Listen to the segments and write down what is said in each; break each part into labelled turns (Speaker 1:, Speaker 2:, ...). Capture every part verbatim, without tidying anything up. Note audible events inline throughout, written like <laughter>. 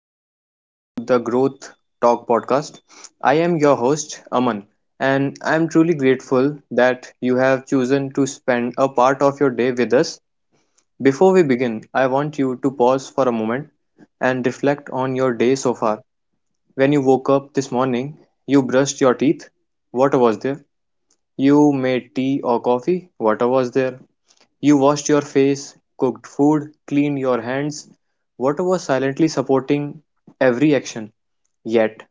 Speaker 1: warm welcome to the Growth Talk podcast. I am your host, Aman, and I am truly grateful that you have chosen to spend a part of your day with us. Before we begin, I want you to pause for a moment and reflect on your day so far. When you woke up this morning, you brushed your teeth. What was there? You made tea or coffee, water was there. You washed your face, cooked food, cleaned your hands. Water was silently supporting every action. Yet,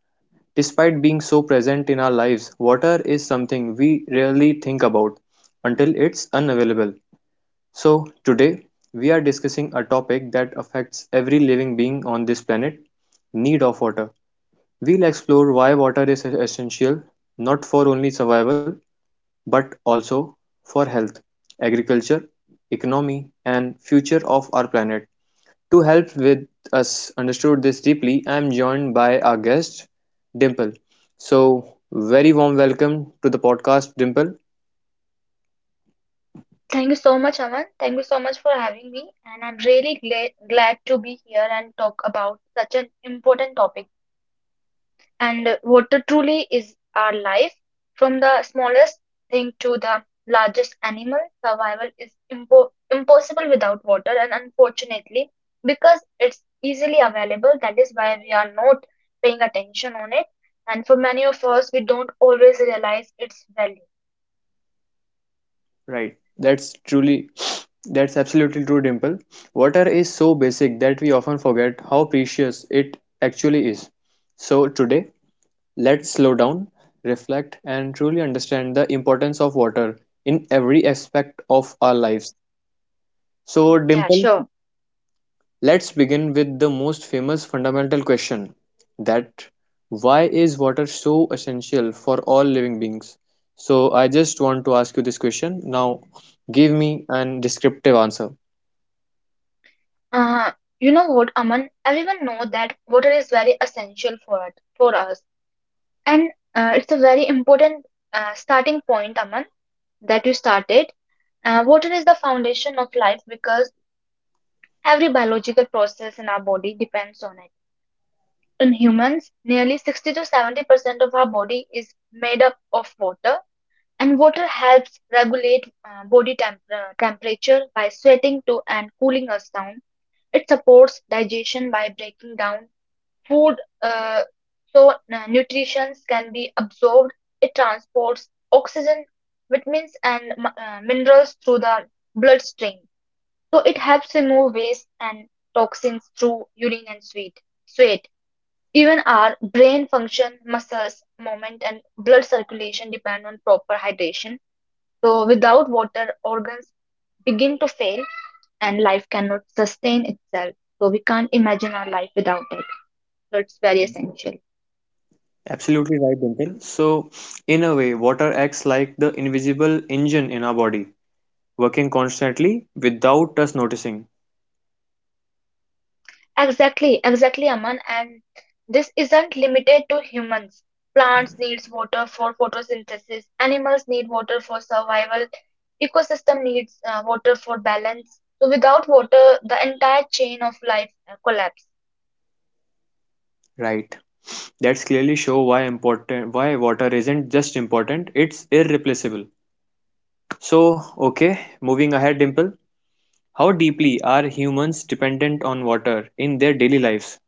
Speaker 1: despite being so present in our lives, water is something we rarely think about until it's unavailable. So, today we are discussing a topic that affects every living being on this planet need of water. We'll explore why water is essential not for only survival but also for health, agriculture, economy, and future of our planet. To help with us understood this deeply, I am joined by our guest, Dimple. So, very warm welcome to the podcast, Dimple.
Speaker 2: Thank you so much, Aman. Thank you so much for having me. And I'm really gla glad to be here and talk about such an important topic. And uh, water truly is our life. From the smallest thing to the largest animal, survival is impo impossible without water. And unfortunately, because it's easily available, that is why we are not paying attention on it. And for many of us, we don't always realize its value.
Speaker 1: Right, that's truly, that's absolutely true, Dimple. Water is so basic that we often forget how precious it actually is. So, today, let's slow down, reflect, and truly understand the importance of water in every aspect of our lives. So,
Speaker 2: Mm, yeah,
Speaker 1: Dimple,
Speaker 2: sure.
Speaker 1: let's begin with the most famous fundamental question that why is water so essential for all living beings? So, I just want to ask you this question. Now, give me an descriptive answer.
Speaker 2: Uh, you know what, Aman? Everyone know that water is very essential for it, for us, and uh, it's a very important uh, starting point, Aman, that you started. Uh, water is the foundation of life because every biological process in our body depends on it. In humans, nearly sixty to seventy percent of our body is made up of water, and water helps regulate uh, body temp uh, temperature by sweating to and cooling us down. It supports digestion by breaking down food, uh, so uh, nutrition can be absorbed. It transports oxygen, vitamins, and uh, minerals through the bloodstream, so it helps remove waste and toxins through urine and sweat sweat Even our brain function, muscles movement, and blood circulation depend on proper hydration. So without water, organs begin to fail and life cannot sustain itself, so we can't imagine our life without it. So it's very essential.
Speaker 1: Absolutely right, Dimple. So, in a way, water acts like the invisible engine in our body, working constantly without us noticing.
Speaker 2: Exactly, exactly, Aman. And this isn't limited to humans. Plants needs water for photosynthesis. Animals need water for survival. Ecosystem needs uh, water for balance. So without water, the entire chain of life uh, collapse.
Speaker 1: Right. That's clearly show why important why water isn't just important, it's irreplaceable. So, okay, moving ahead, Dimple. How deeply are humans dependent on water in their daily lives?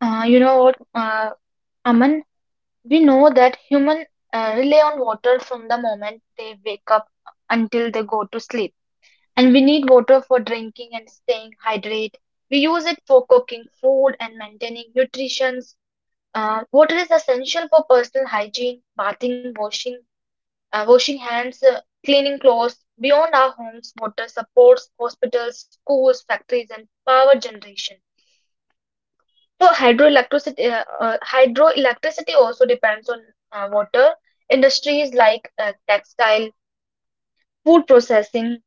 Speaker 2: Uh, you know what, uh, Aman? We know that human uh, rely on water from the moment they wake up until they go to sleep. And we need water for drinking and staying hydrated. We use it for cooking food and maintaining nutrition. Uh, water is essential for personal hygiene, bathing, washing, uh, washing hands, uh, cleaning clothes. Beyond our homes, water supports hospitals, schools, factories, and power generation. So hydroelectricity, uh, uh, hydroelectricity also depends on uh, water. Industries like uh, textile, food processing,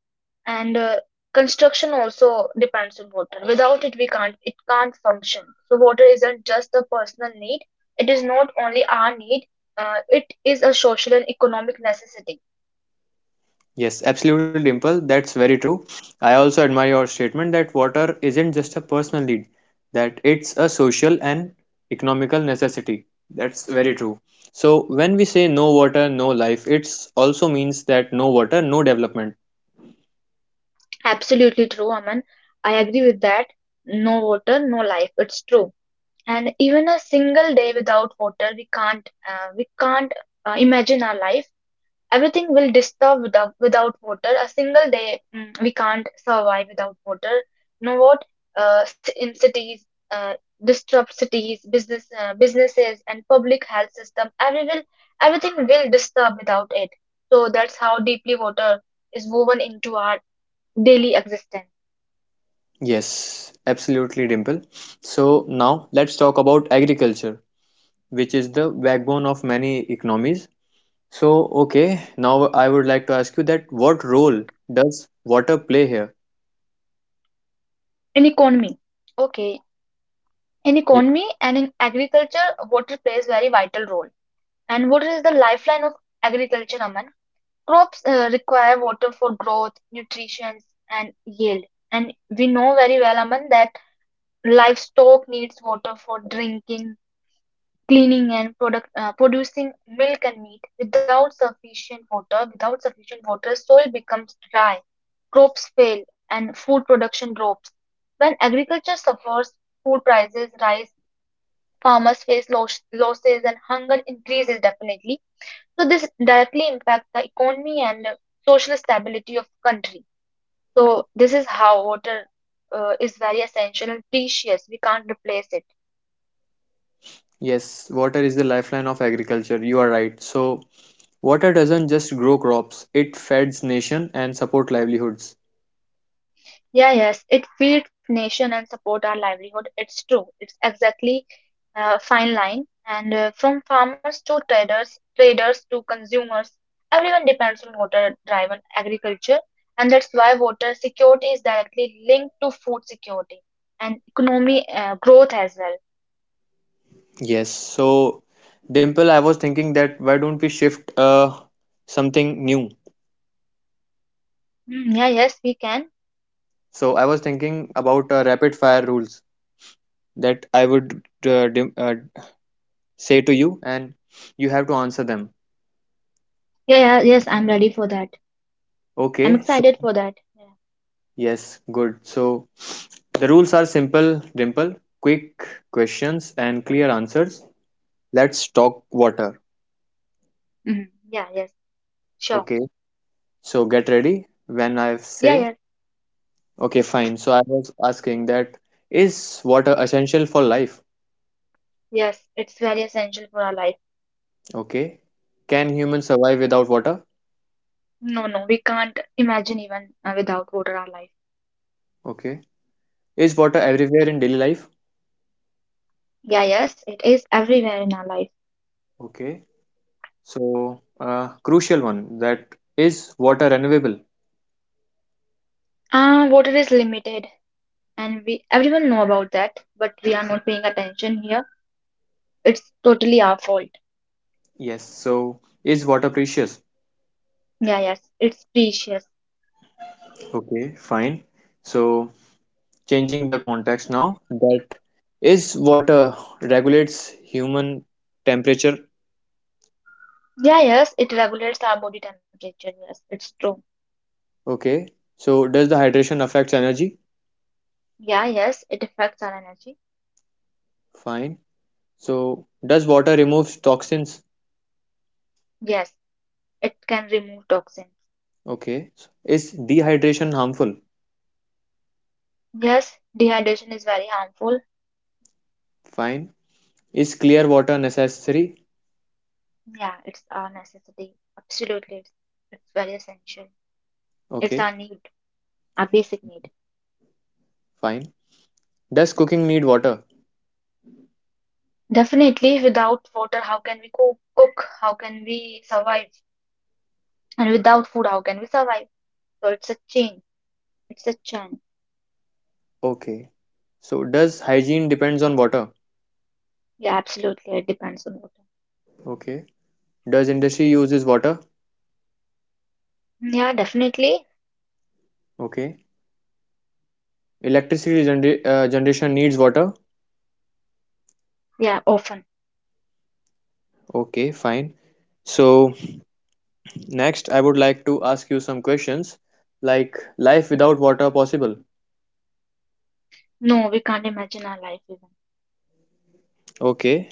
Speaker 2: and uh, construction also depends on water. Without it, we can't it can't function. So water isn't just a personal need, it is not only our need, uh, it is a social and economic necessity.
Speaker 1: Yes, absolutely, Dimple. That's very true. I also admire your statement that water isn't just a personal need, that it's a social and economical necessity. That's very true. So, when we say no water, no life, it also means that no water, no development.
Speaker 2: Absolutely true, Aman. I agree with that. No water, no life, it's true. And even a single day without water, we can't uh, we can't uh, imagine our life. Everything will disturb without, without water. A single day, mm, we can't survive without water. You know what? Uh, ci- in cities, uh, disrupt cities, business, uh, businesses, and public health system. Every will, everything will disturb without it. So that's how deeply water is woven into our daily existence.
Speaker 1: Yes, absolutely, Dimple. So now let's talk about agriculture, which is the backbone of many economies. So, okay, now I would like to ask you that what role does water play here?
Speaker 2: In economy, okay, in
Speaker 1: Ye-
Speaker 2: economy and in agriculture, water plays very vital role. And water is the lifeline of agriculture, Aman. Crops uh, require water for growth, nutrition, and yield. And we know very well, Aman, that livestock needs water for drinking, cleaning, and product, uh, producing milk and meat. Without sufficient water, without sufficient water, soil becomes dry, crops fail, and food production drops. When agriculture suffers, food prices rise, farmers face loss, losses, and hunger increases definitely. So this directly impacts the economy and uh, social stability of country. So this is how water uh, is very essential and precious. We can't replace it.
Speaker 1: Yes, water is the lifeline of agriculture. You are right. So, water doesn't just grow crops, it feeds nation and support livelihoods.
Speaker 2: Yeah, yes, it feeds nation and support our livelihood. It's true. It's exactly uh, fine line. And uh, from farmers to traders, traders to consumers, everyone depends on water-driven agriculture. And that's why water security is directly linked to food security and economy uh, growth as well.
Speaker 1: Yes, so Dimple, I was thinking that why don't we shift uh something new?
Speaker 2: Mm, yeah, yes, we can.
Speaker 1: So, I was thinking about uh, rapid fire rules that I would uh, dim, uh, say to you, and you have to answer them.
Speaker 2: Yeah, yeah, yes, I'm ready for that. I'm
Speaker 1: Okay, so
Speaker 2: excited for that. Yeah,
Speaker 1: yes, good. So the rules are simple, Dimple, quick questions and clear answers. Let's talk water.
Speaker 2: mhm. Yeah, yes, sure.
Speaker 1: Okay, so get ready when I
Speaker 2: Yeah,
Speaker 1: say,
Speaker 2: yeah,
Speaker 1: okay, fine. So I was asking that is water essential for life?
Speaker 2: yes, it's very essential for our life.
Speaker 1: Okay, can humans survive without water?
Speaker 2: No, no, we can't imagine even uh, without water our life.
Speaker 1: Okay, is water everywhere in daily life?
Speaker 2: Yeah, yes, it is everywhere in our life.
Speaker 1: Okay, so, uh, crucial one that is water renewable?
Speaker 2: Ah, water is limited, and we everyone know about that, but we are not paying attention here. It's totally our fault.
Speaker 1: Yes. So, is water precious?
Speaker 2: Yeah, yes, it's precious.
Speaker 1: Okay, fine. So, changing the context now that is water regulates human temperature?
Speaker 2: Yeah, yes, it regulates our body temperature. Yes, it's true.
Speaker 1: Okay. So, does the hydration affects energy?
Speaker 2: Yeah, yes, it affects our energy.
Speaker 1: Fine. So, does water removes toxins?
Speaker 2: Yes. It can remove toxins.
Speaker 1: Okay. So, is dehydration harmful?
Speaker 2: Yes, dehydration is very harmful.
Speaker 1: Fine. Is clear water necessary?
Speaker 2: Yeah, it's a necessity. Absolutely, it's, it's very essential. It's
Speaker 1: Okay,
Speaker 2: our need, our basic need.
Speaker 1: fine. Does cooking need water?
Speaker 2: Definitely, without water, how can we cook? Cook? How can we survive? And without food, how can we survive? So it's a chain. It's a chain.
Speaker 1: Okay. So does hygiene depends on water?
Speaker 2: Yeah, absolutely. It depends on water.
Speaker 1: Okay. Does industry uses water?
Speaker 2: Mm, yeah, definitely.
Speaker 1: Okay. Electricity gener- uh, generation needs water?
Speaker 2: Yeah, often.
Speaker 1: Okay, fine. So next I would like to ask you some questions like life without water possible?
Speaker 2: No, we can't imagine our life even.
Speaker 1: Okay,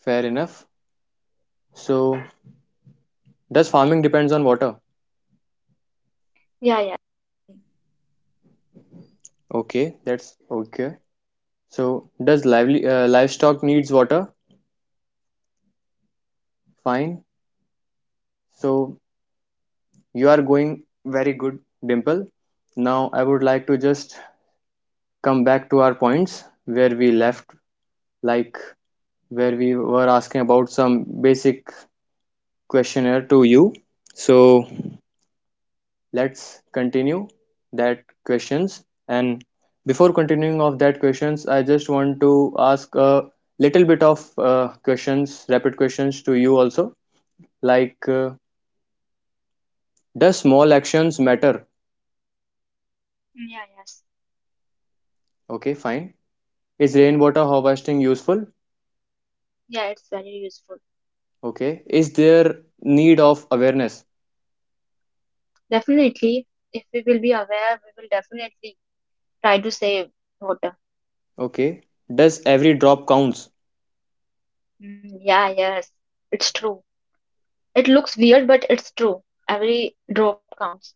Speaker 1: fair enough. So does farming depends on water?
Speaker 2: Yeah, yeah.
Speaker 1: Okay, that's okay. So does lively uh, livestock needs water? Fine. So you are going very good, Dimple. Now I would like to just come back to our points where we left, like where we were asking about some basic questionnaire to you. So let's continue that questions. And before continuing of that questions, I just want to ask a little bit of uh, questions, rapid questions to you also. Like, uh, does small actions matter?
Speaker 2: Yeah, yes.
Speaker 1: Okay, fine. Is rainwater harvesting useful?
Speaker 2: Yeah, it's very useful.
Speaker 1: Okay. Is there need of awareness?
Speaker 2: Definitely, if we will be aware, we will definitely try to save water.
Speaker 1: Okay. Does every drop counts?
Speaker 2: Mm, yeah, yes. It's true. It looks weird, but it's true. Every drop counts.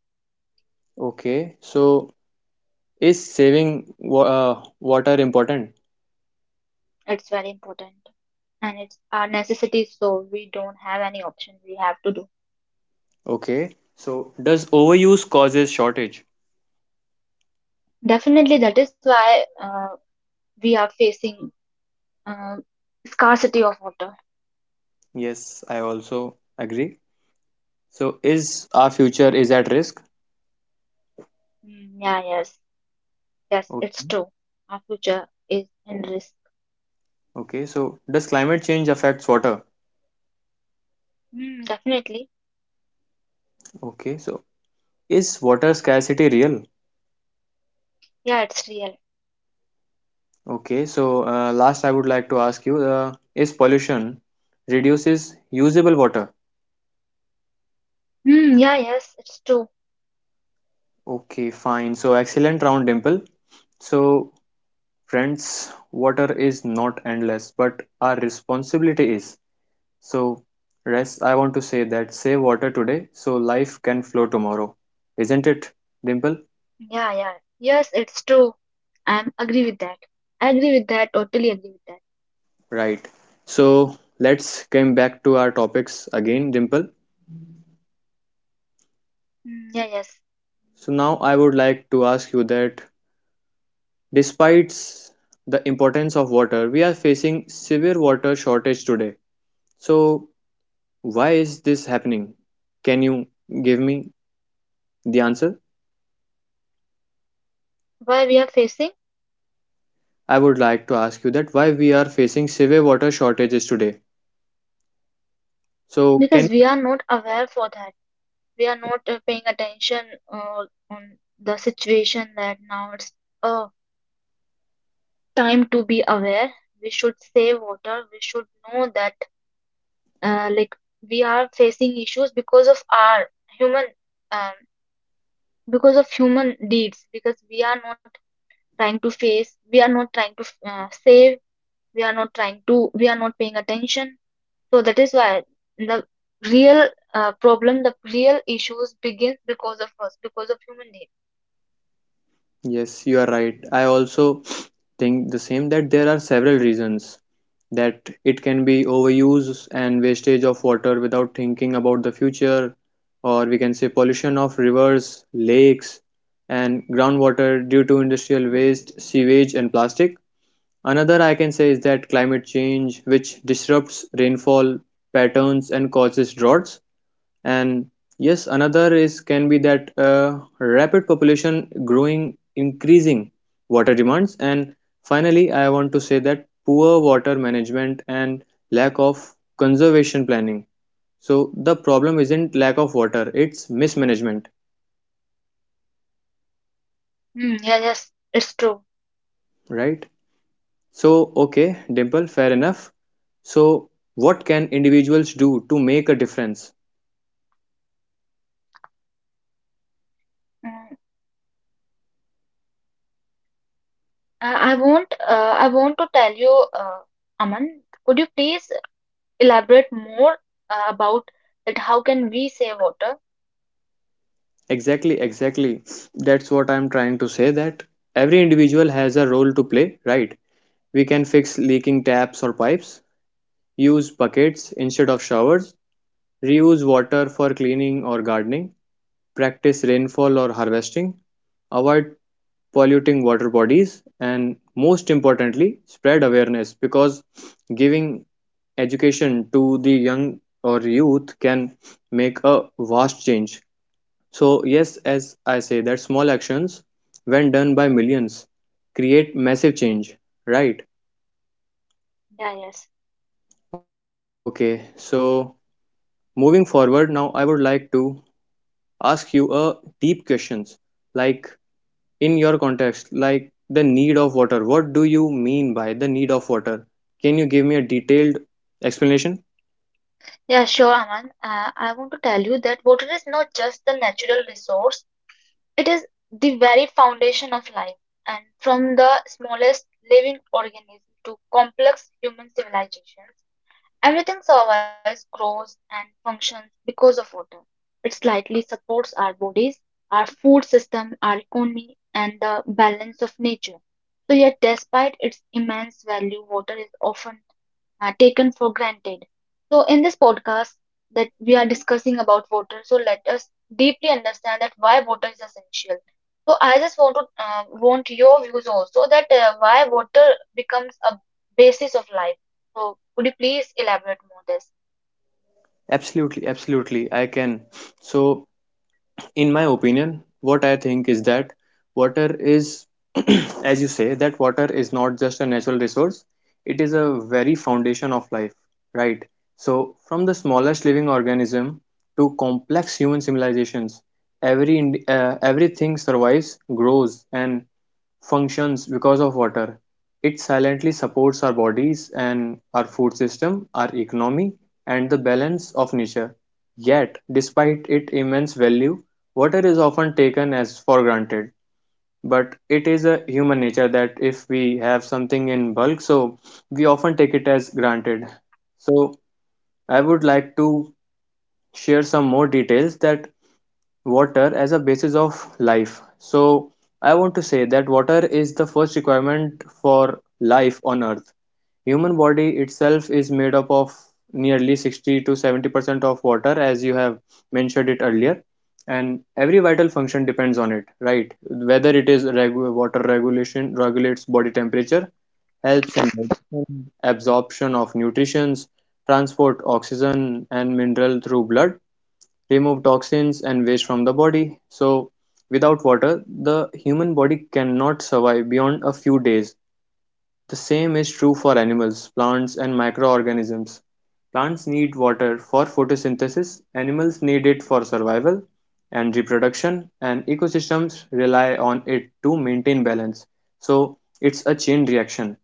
Speaker 1: Okay, so is saving wa uh, water important?
Speaker 2: It's very important. And it's our necessity, so we don't have any option. We have to do.
Speaker 1: Okay, so does overuse causes shortage?
Speaker 2: Definitely, that is why uh, we are facing uh, scarcity of water.
Speaker 1: Yes, I also agree. So is our future is at risk?
Speaker 2: Mm, yeah, yes. Yes, it's
Speaker 1: Okay,
Speaker 2: true. Our future is in risk.
Speaker 1: okay, so does climate change affects water?
Speaker 2: Mm, definitely.
Speaker 1: Okay, so is water scarcity real?
Speaker 2: Yeah, it's real.
Speaker 1: Okay, so uh, last I would like to ask you, uh, is pollution reduces usable water?
Speaker 2: Hmm, yeah, yes, it's true.
Speaker 1: Okay, fine. So excellent round, Dimple. So friends, water is not endless, but our responsibility is. So, rest, I want to say that save water today so life can flow tomorrow. Isn't it, Dimple?
Speaker 2: Yeah, yeah. Yes, it's true. I agree with that. I agree with that. Totally agree with that.
Speaker 1: Right. So, let's come back to our topics again, Dimple.
Speaker 2: Hmm, yeah, yes.
Speaker 1: So, now I would like to ask you that despite the importance of water, we are facing severe water shortage today. So, why is this happening? Can you give me the answer?
Speaker 2: Why we are facing?
Speaker 1: I would like to ask you that why we are facing severe water shortages today. So
Speaker 2: Because
Speaker 1: can
Speaker 2: we are not aware for that. We are not uh, paying attention uh, on the situation that now it's uh, time to be aware. We should save water. We should know that uh, like we are facing issues because of our human, um, because of human deeds, because we are not trying to face we are not trying to uh, save we are not trying to, we are not paying attention. So that is why the real uh, problem, the real issues begins because of us, because of human need.
Speaker 1: yes, you are right. I also think the same that there are several reasons that it can be overuse and wastage of water without thinking about the future, or we can say pollution of rivers, lakes and groundwater due to industrial waste, sewage and plastic. Another I can say is that climate change, which disrupts rainfall patterns and causes droughts, and yes another is can be that uh, rapid population growing increasing water demands, and finally I want to say that poor water management and lack of conservation planning. So the problem isn't lack of water, it's mismanagement,
Speaker 2: Mm, yeah, yes, it's true.
Speaker 1: right? So, okay, Dimple, fair enough. So what can individuals do to make a difference?
Speaker 2: Mm. I, I want uh, I want to tell you, uh, Aman, could you please elaborate more uh, about that, how can we save water?
Speaker 1: Exactly, exactly. That's what I'm trying to say that every individual has a role to play, right? We can fix leaking taps or pipes, use buckets instead of showers, reuse water for cleaning or gardening, practice rainfall or harvesting, avoid polluting water bodies, and most importantly, spread awareness because giving education to the young or youth can make a vast change. So, yes, as I say, that small actions, when done by millions, create massive change, right?
Speaker 2: Yeah, yes.
Speaker 1: Okay, so moving forward, now I would like to ask you a deep questions like in your context, like the need of water. What do you mean by the need of water? Can you give me a detailed explanation?
Speaker 2: Yeah, sure, Aman. Uh, I want to tell you that water is not just the natural resource. It is the very foundation of life, and from the smallest living organism to complex human civilizations. Everything survives, grows, and functions because of water. It slightly supports our bodies, our food system, our economy, and the balance of nature. So, yet, despite its immense value, water is often uh, taken for granted. So in this podcast that we are discussing about water, so let us deeply understand that why water is essential. So I just want to uh, want your views also that uh, why water becomes a basis of life. So, could you please elaborate more this?
Speaker 1: Absolutely, absolutely, I can. So, in my opinion, what I think is that water is, <clears throat> as you say, that water is not just a natural resource, it is a very foundation of life, right? So from the smallest living organism to complex human civilizations, every uh, everything survives, grows and functions because of water. It silently supports our bodies and our food system, our economy, and the balance of nature. Yet despite its immense value, water is often taken as for granted, but it is a human nature that if we have something in bulk, so we often take it as granted. So I would like to share some more details that water as a basis of life. So I want to say that water is the first requirement for life on earth. Human body itself is made up of nearly sixty to seventy percent of water, as you have mentioned it earlier, and every vital function depends on it, right? Whether it is regu- water regulation regulates body temperature, helps in digestion, absorption of nutrients, transport oxygen and mineral through blood, remove toxins and waste from the body. So, without water, the human body cannot survive beyond a few days. The same is true for animals, plants, and microorganisms. Plants need water for photosynthesis, animals need it for survival and reproduction, and ecosystems rely on it to maintain balance. So it's a chain reaction.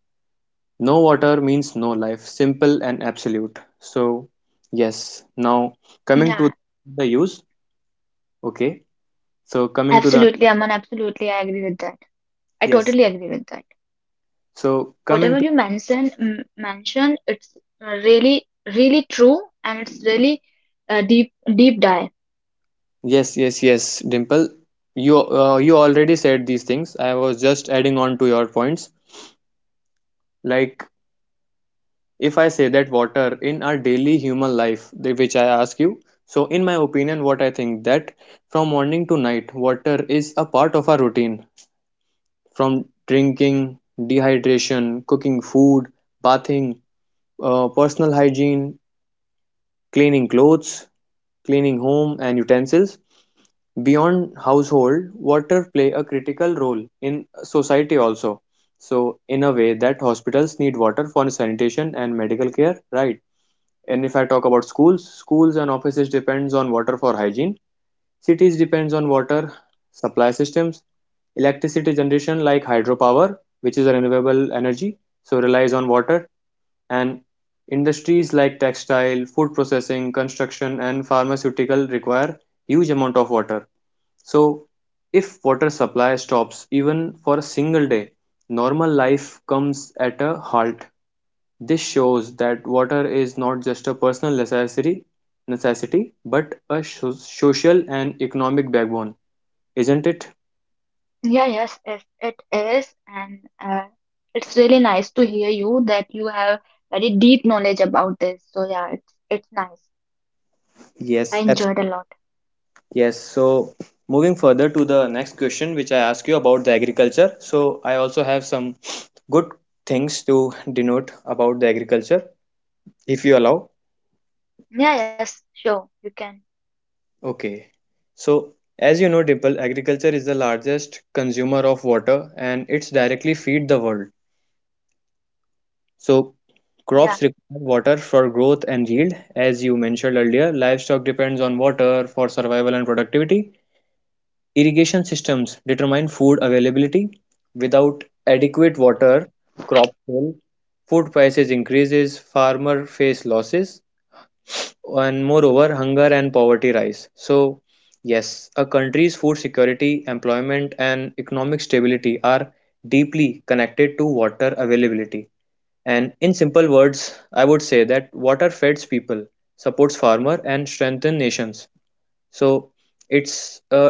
Speaker 1: No water means no life, simple and absolute. So, yes, now coming to
Speaker 2: Yeah,
Speaker 1: the use, okay. So, coming to the,
Speaker 2: absolutely, Aman. Absolutely, I agree with that. I
Speaker 1: yes,
Speaker 2: totally agree with that.
Speaker 1: so coming.
Speaker 2: Whatever you mention, m mention, it's uh, really, really true, and it's really uh, deep, deep dive.
Speaker 1: Yes, yes, yes, Dimple. You uh, you already said these things. I was just adding on to your points. Like if I say that water in our daily human life, the- which I ask you. So in my opinion, what I think that from morning to night, water is a part of our routine. From drinking, dehydration, cooking food, bathing, uh, personal hygiene, cleaning clothes, cleaning home and utensils. Beyond household, water play a critical role in society also. So in a way that hospitals need water for sanitation and medical care, right? And if I talk about schools, schools and offices depends on water for hygiene. Cities depends on water supply systems. Electricity generation like hydropower, which is a renewable energy, so relies on water, and industries like textile, food processing, construction and pharmaceutical require huge amount of water. So, if water supply stops even for a single day, normal life comes at a halt. This shows that water is not just a personal necessity, necessity, but a so- social and economic backbone, isn't it?
Speaker 2: Yeah, yes, yes, it is, and uh, it's really nice to hear you that you have very deep knowledge about this. So yeah, it's it's nice. I
Speaker 1: Yes, abs-
Speaker 2: enjoyed a lot.
Speaker 1: yes. So, moving further to the next question, which I asked you about the agriculture. So, I also have some good things to denote about the agriculture, if you allow.
Speaker 2: Yeah, yes, sure, you can.
Speaker 1: Okay. So, as you know, Dimple, agriculture is the largest consumer of water and it's directly feed the world. So,
Speaker 2: Yeah,
Speaker 1: crops require water for growth and yield. As you mentioned earlier, livestock depends on water for survival and productivity. Irrigation systems determine food availability. Without adequate water, crop fail, food prices increases, farmer face losses, and moreover hunger and poverty rise. So yes, a country's food security, employment and economic stability are deeply connected to water availability, and in simple words I would say that water feeds people, supports farmer and strengthens nations. So it's a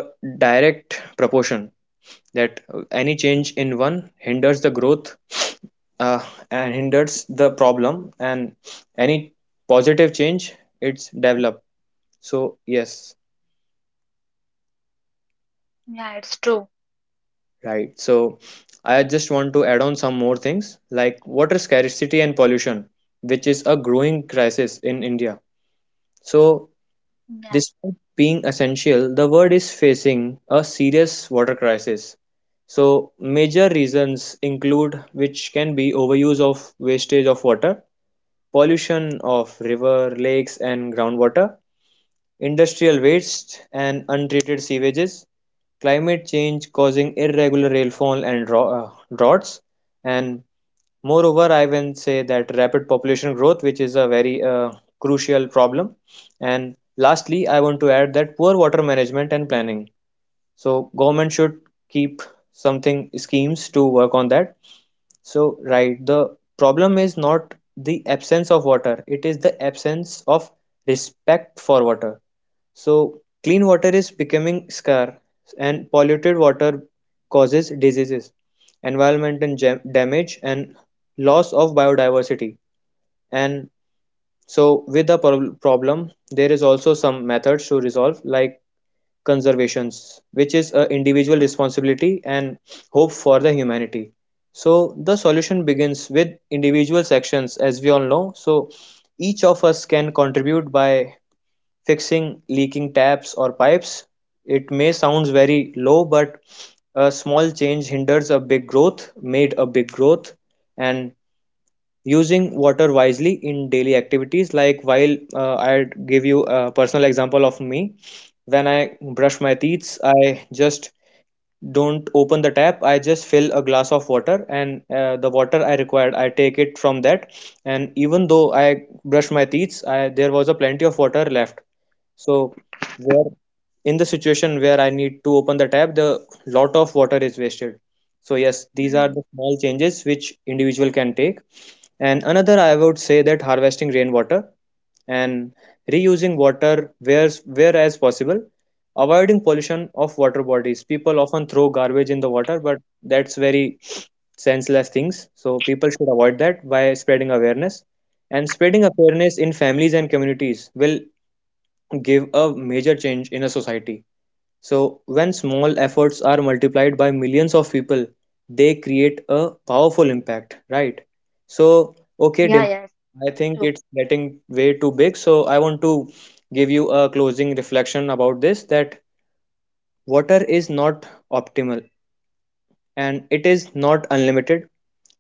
Speaker 1: direct proportion that uh, any change in one hinders the growth uh, and hinders the problem, and any positive change it's develop. So, yes,
Speaker 2: yeah, it's true.
Speaker 1: right. So, I just want to add on some more things like water scarcity and pollution, which is a growing crisis in India. So,
Speaker 2: Yeah,
Speaker 1: despite being essential, the world is facing a serious water crisis. So, major reasons include which can be overuse of wastage of water, pollution of river, lakes, and groundwater, industrial waste, and untreated sewages, climate change causing irregular rainfall and uh, droughts. And moreover, I will say that rapid population growth, which is a very uh, crucial problem. And lastly, I want to add that poor water management and planning. So, government should keep something schemes to work on that. So, right, the problem is not the absence of water, it is the absence of respect for water. So, clean water is becoming scarce, and polluted water causes diseases, environmental jam- damage, and loss of biodiversity. And so, with the prob- problem, there is also some methods to resolve, like conservations, which is a individual responsibility and hope for the humanity. So, the solution begins with individual actions, as we all know. So, each of us can contribute by fixing leaking taps or pipes. It may sounds very low, but a small change hinders a big growth, made a big growth, and using water wisely in daily activities. Like while uh, I'd give you a personal example of me. When I brush my teeth, I just don't open the tap. I just fill a glass of water, and uh, the water I required, I take it from that. And even though I brushed my teeth, I, there was a plenty of water left. So where in the situation where I need to open the tap, the lot of water is wasted. So yes, these are
Speaker 2: mm.
Speaker 1: the small changes which individual can take. And another, I would say that harvesting rainwater and reusing water where where as possible, avoiding pollution of water bodies. People often throw garbage in the water, but that's very senseless things. So people should avoid that by spreading awareness. And spreading awareness in families and communities will give a major change in a society. So, when small efforts are multiplied by millions of people, they create a powerful impact, right? So, okay,
Speaker 2: Yeah,
Speaker 1: Dimple,
Speaker 2: yes,
Speaker 1: I think
Speaker 2: true.
Speaker 1: it's getting way too big. So, I want to give you a closing reflection about this, that water is not optimal, and it is not unlimited,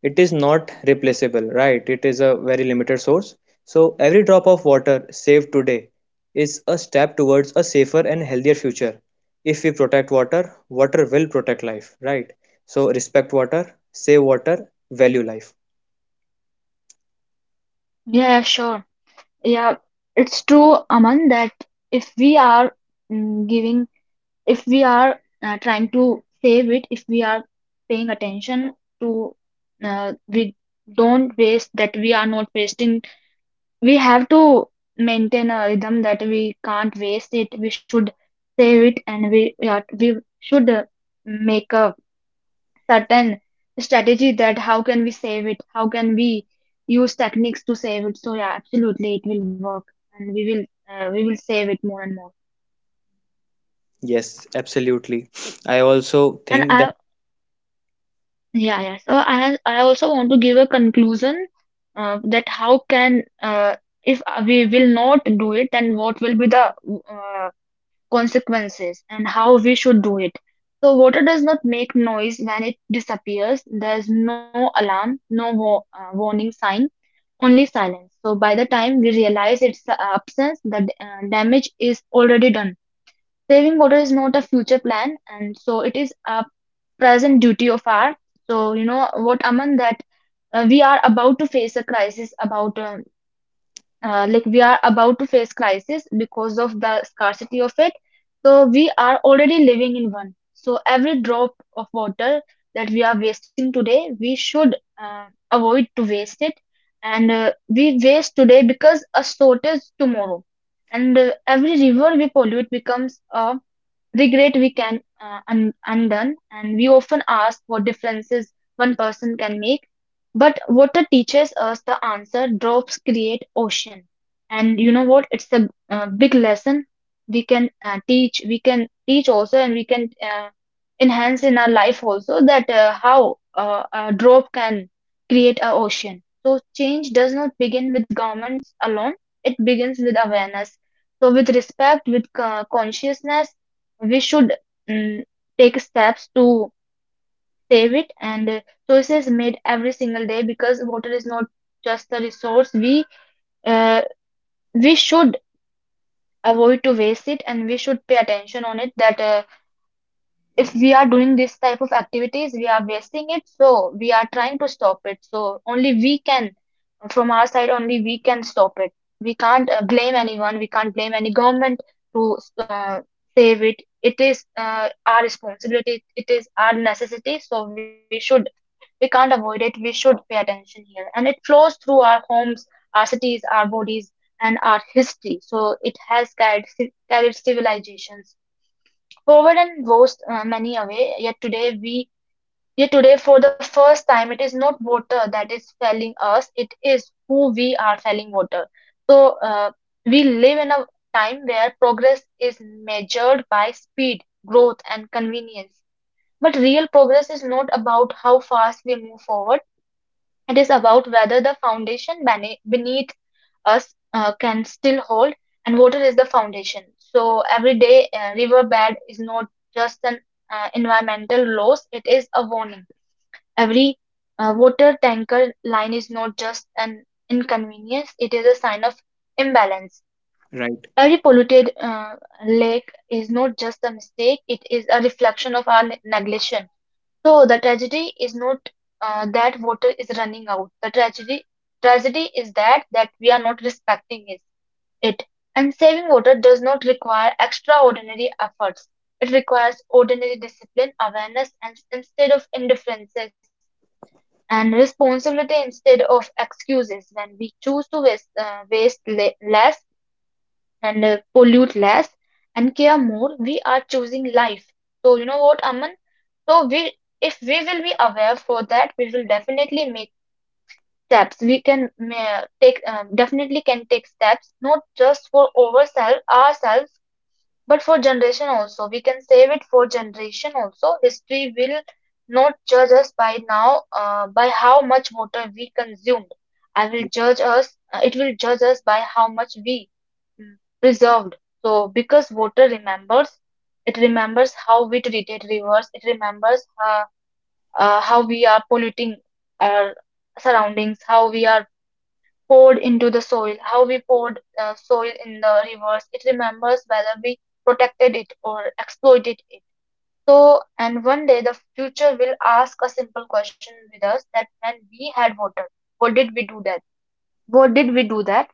Speaker 1: it is not replaceable, right? It is a very limited source. So every drop of water saved today is a step towards a safer and healthier future. If we protect water, water will protect life, right? So respect water, save water, value life.
Speaker 2: Yeah, sure. Yeah, it's true, Aman, that if we are, mm, giving, if we are uh, trying to save it, if we are paying attention to, uh, we don't waste, that we are not wasting, we have to maintain a rhythm that we can't waste it. We should save it and we, yeah, we should uh, make a certain strategy that how can we save it? How can we use techniques to save it? So yeah, absolutely, it will work, and we will uh, we will save it more and more.
Speaker 1: Yes, absolutely. I also
Speaker 2: And
Speaker 1: think that
Speaker 2: I, yeah, yeah. So I I also want to give a conclusion uh, that how can uh, if we will not do it, then what will be the uh, consequences and how we should do it. So water does not make noise when it disappears. There's no alarm, no wa- uh, warning sign, only silence. So by the time we realize its uh, absence, the d- uh, damage is already done. Saving water is not a future plan, and so it is a present duty of our. So you know what, Aman, that uh, are about to face a crisis about, um, uh, like we are about to face crisis because of the scarcity of it, so we are already living in one. So every drop of water that we are wasting today, we should uh, avoid to waste it. And uh, we waste today because a shortage tomorrow. And uh, every river we pollute becomes a regret we can uh, un- undone, and we often ask what differences one person can make. But water teaches us the answer. Drops create ocean, and you know what? It's a uh, big lesson we can uh, teach. We can teach also, and we can uh, enhance in our life also that uh, how uh, a drop can create a ocean. So change does not begin with governments alone. It begins with awareness. So with respect, with uh, consciousness we should mm, take steps to save it and uh, choices made every single day because water is not just a resource we uh, we should avoid to waste it, and we should pay attention on it that uh, if we are doing this type of activities, we are wasting it. So we are trying to stop it. So only we can, from our side, only we can stop it. We can't uh, blame anyone. We can't blame any government to uh, save it. It is uh, our responsibility. It is our necessity. So we should, we can't avoid it. We should pay attention here. And it flows through our homes, our cities, our bodies, and our history. So it has carried, ci- carried civilizations forward and washed uh, many away, yet today we yet today for the first time it is not water that is failing us, it is who we are failing water. So uh, we live in a time where progress is measured by speed, growth and convenience. But real progress is not about how fast we move forward, it is about whether the foundation bene- beneath us uh, can still hold, and water is the foundation. So every day, uh, riverbed is not just an uh, environmental loss, it is a warning. Every uh, water tanker line is not just an inconvenience, it is a sign of imbalance.
Speaker 1: right.
Speaker 2: Every polluted uh, lake is not just a mistake, it is a reflection of our ne- neglection. So the tragedy is not uh, that water is running out. The tragedy tragedy is that that we are not respecting is it. And saving water does not require extraordinary efforts. It requires ordinary discipline, awareness, and instead of indifferences, and responsibility instead of excuses. When we choose to waste, uh, waste le- less, and uh, pollute less and care more, we are choosing life. So you know what, Aman? So we, if we will be aware for that, we will definitely make steps. We can ma- take um, definitely can take steps, not just for ourselves, ourselves, but for generation also, we can save it for generation also. History will not judge us by now, uh, by how much water we consumed. I will judge us. Uh, it will judge us by how much we mm, preserved. So because water remembers, it remembers how we treated rivers. It remembers uh, uh, how we are polluting our surroundings, how we are poured into the soil, how we poured uh, soil in the rivers. It remembers whether we protected it or exploited it. So, and one day the future will ask a simple question with us that when we had water, what did we do that? What did we do that?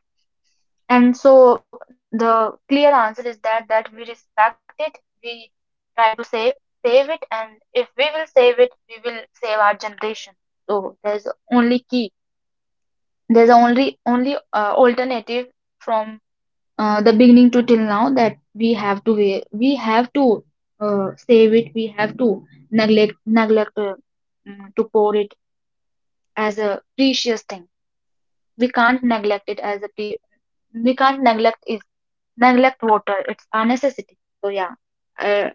Speaker 2: And so the clear answer is that that we respect it, we try to save save it, and if we will save it, we will save our generation. So there's only key. There's only only uh, alternative from uh, the beginning to till now that we have to we, we have to uh, save it, we have to neglect neglect uh, mm, to pour it as a precious thing. We can't neglect it as a pre- we can't neglect is neglect water. It's a necessity. So yeah, uh,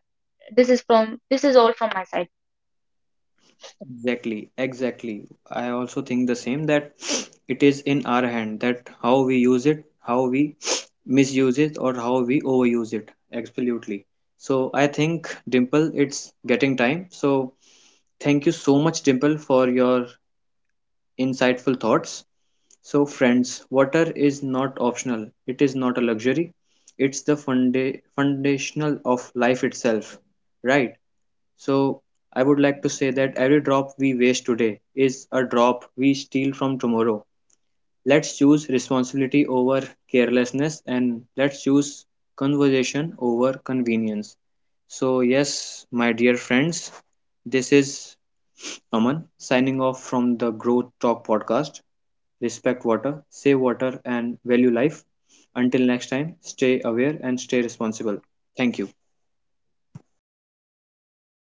Speaker 2: this is from this is all from my side.
Speaker 1: Exactly, exactly. I also think the same that it is in our hand that how we use it, how we misuse it, or how we overuse it. Absolutely. So I think Dimple, it's getting time. So thank you so much, Dimple, for your insightful thoughts. So friends, water is not optional. It is not a luxury. It's the funda- foundational of life itself, right? So I would like to say that every drop we waste today is a drop we steal from tomorrow. Let's choose responsibility over carelessness and let's choose conversation over convenience. So, yes, my dear friends, this is Aman signing off from the Growth Talk podcast. Respect water, save water, and value life. Until next time, stay aware and stay responsible. Thank you.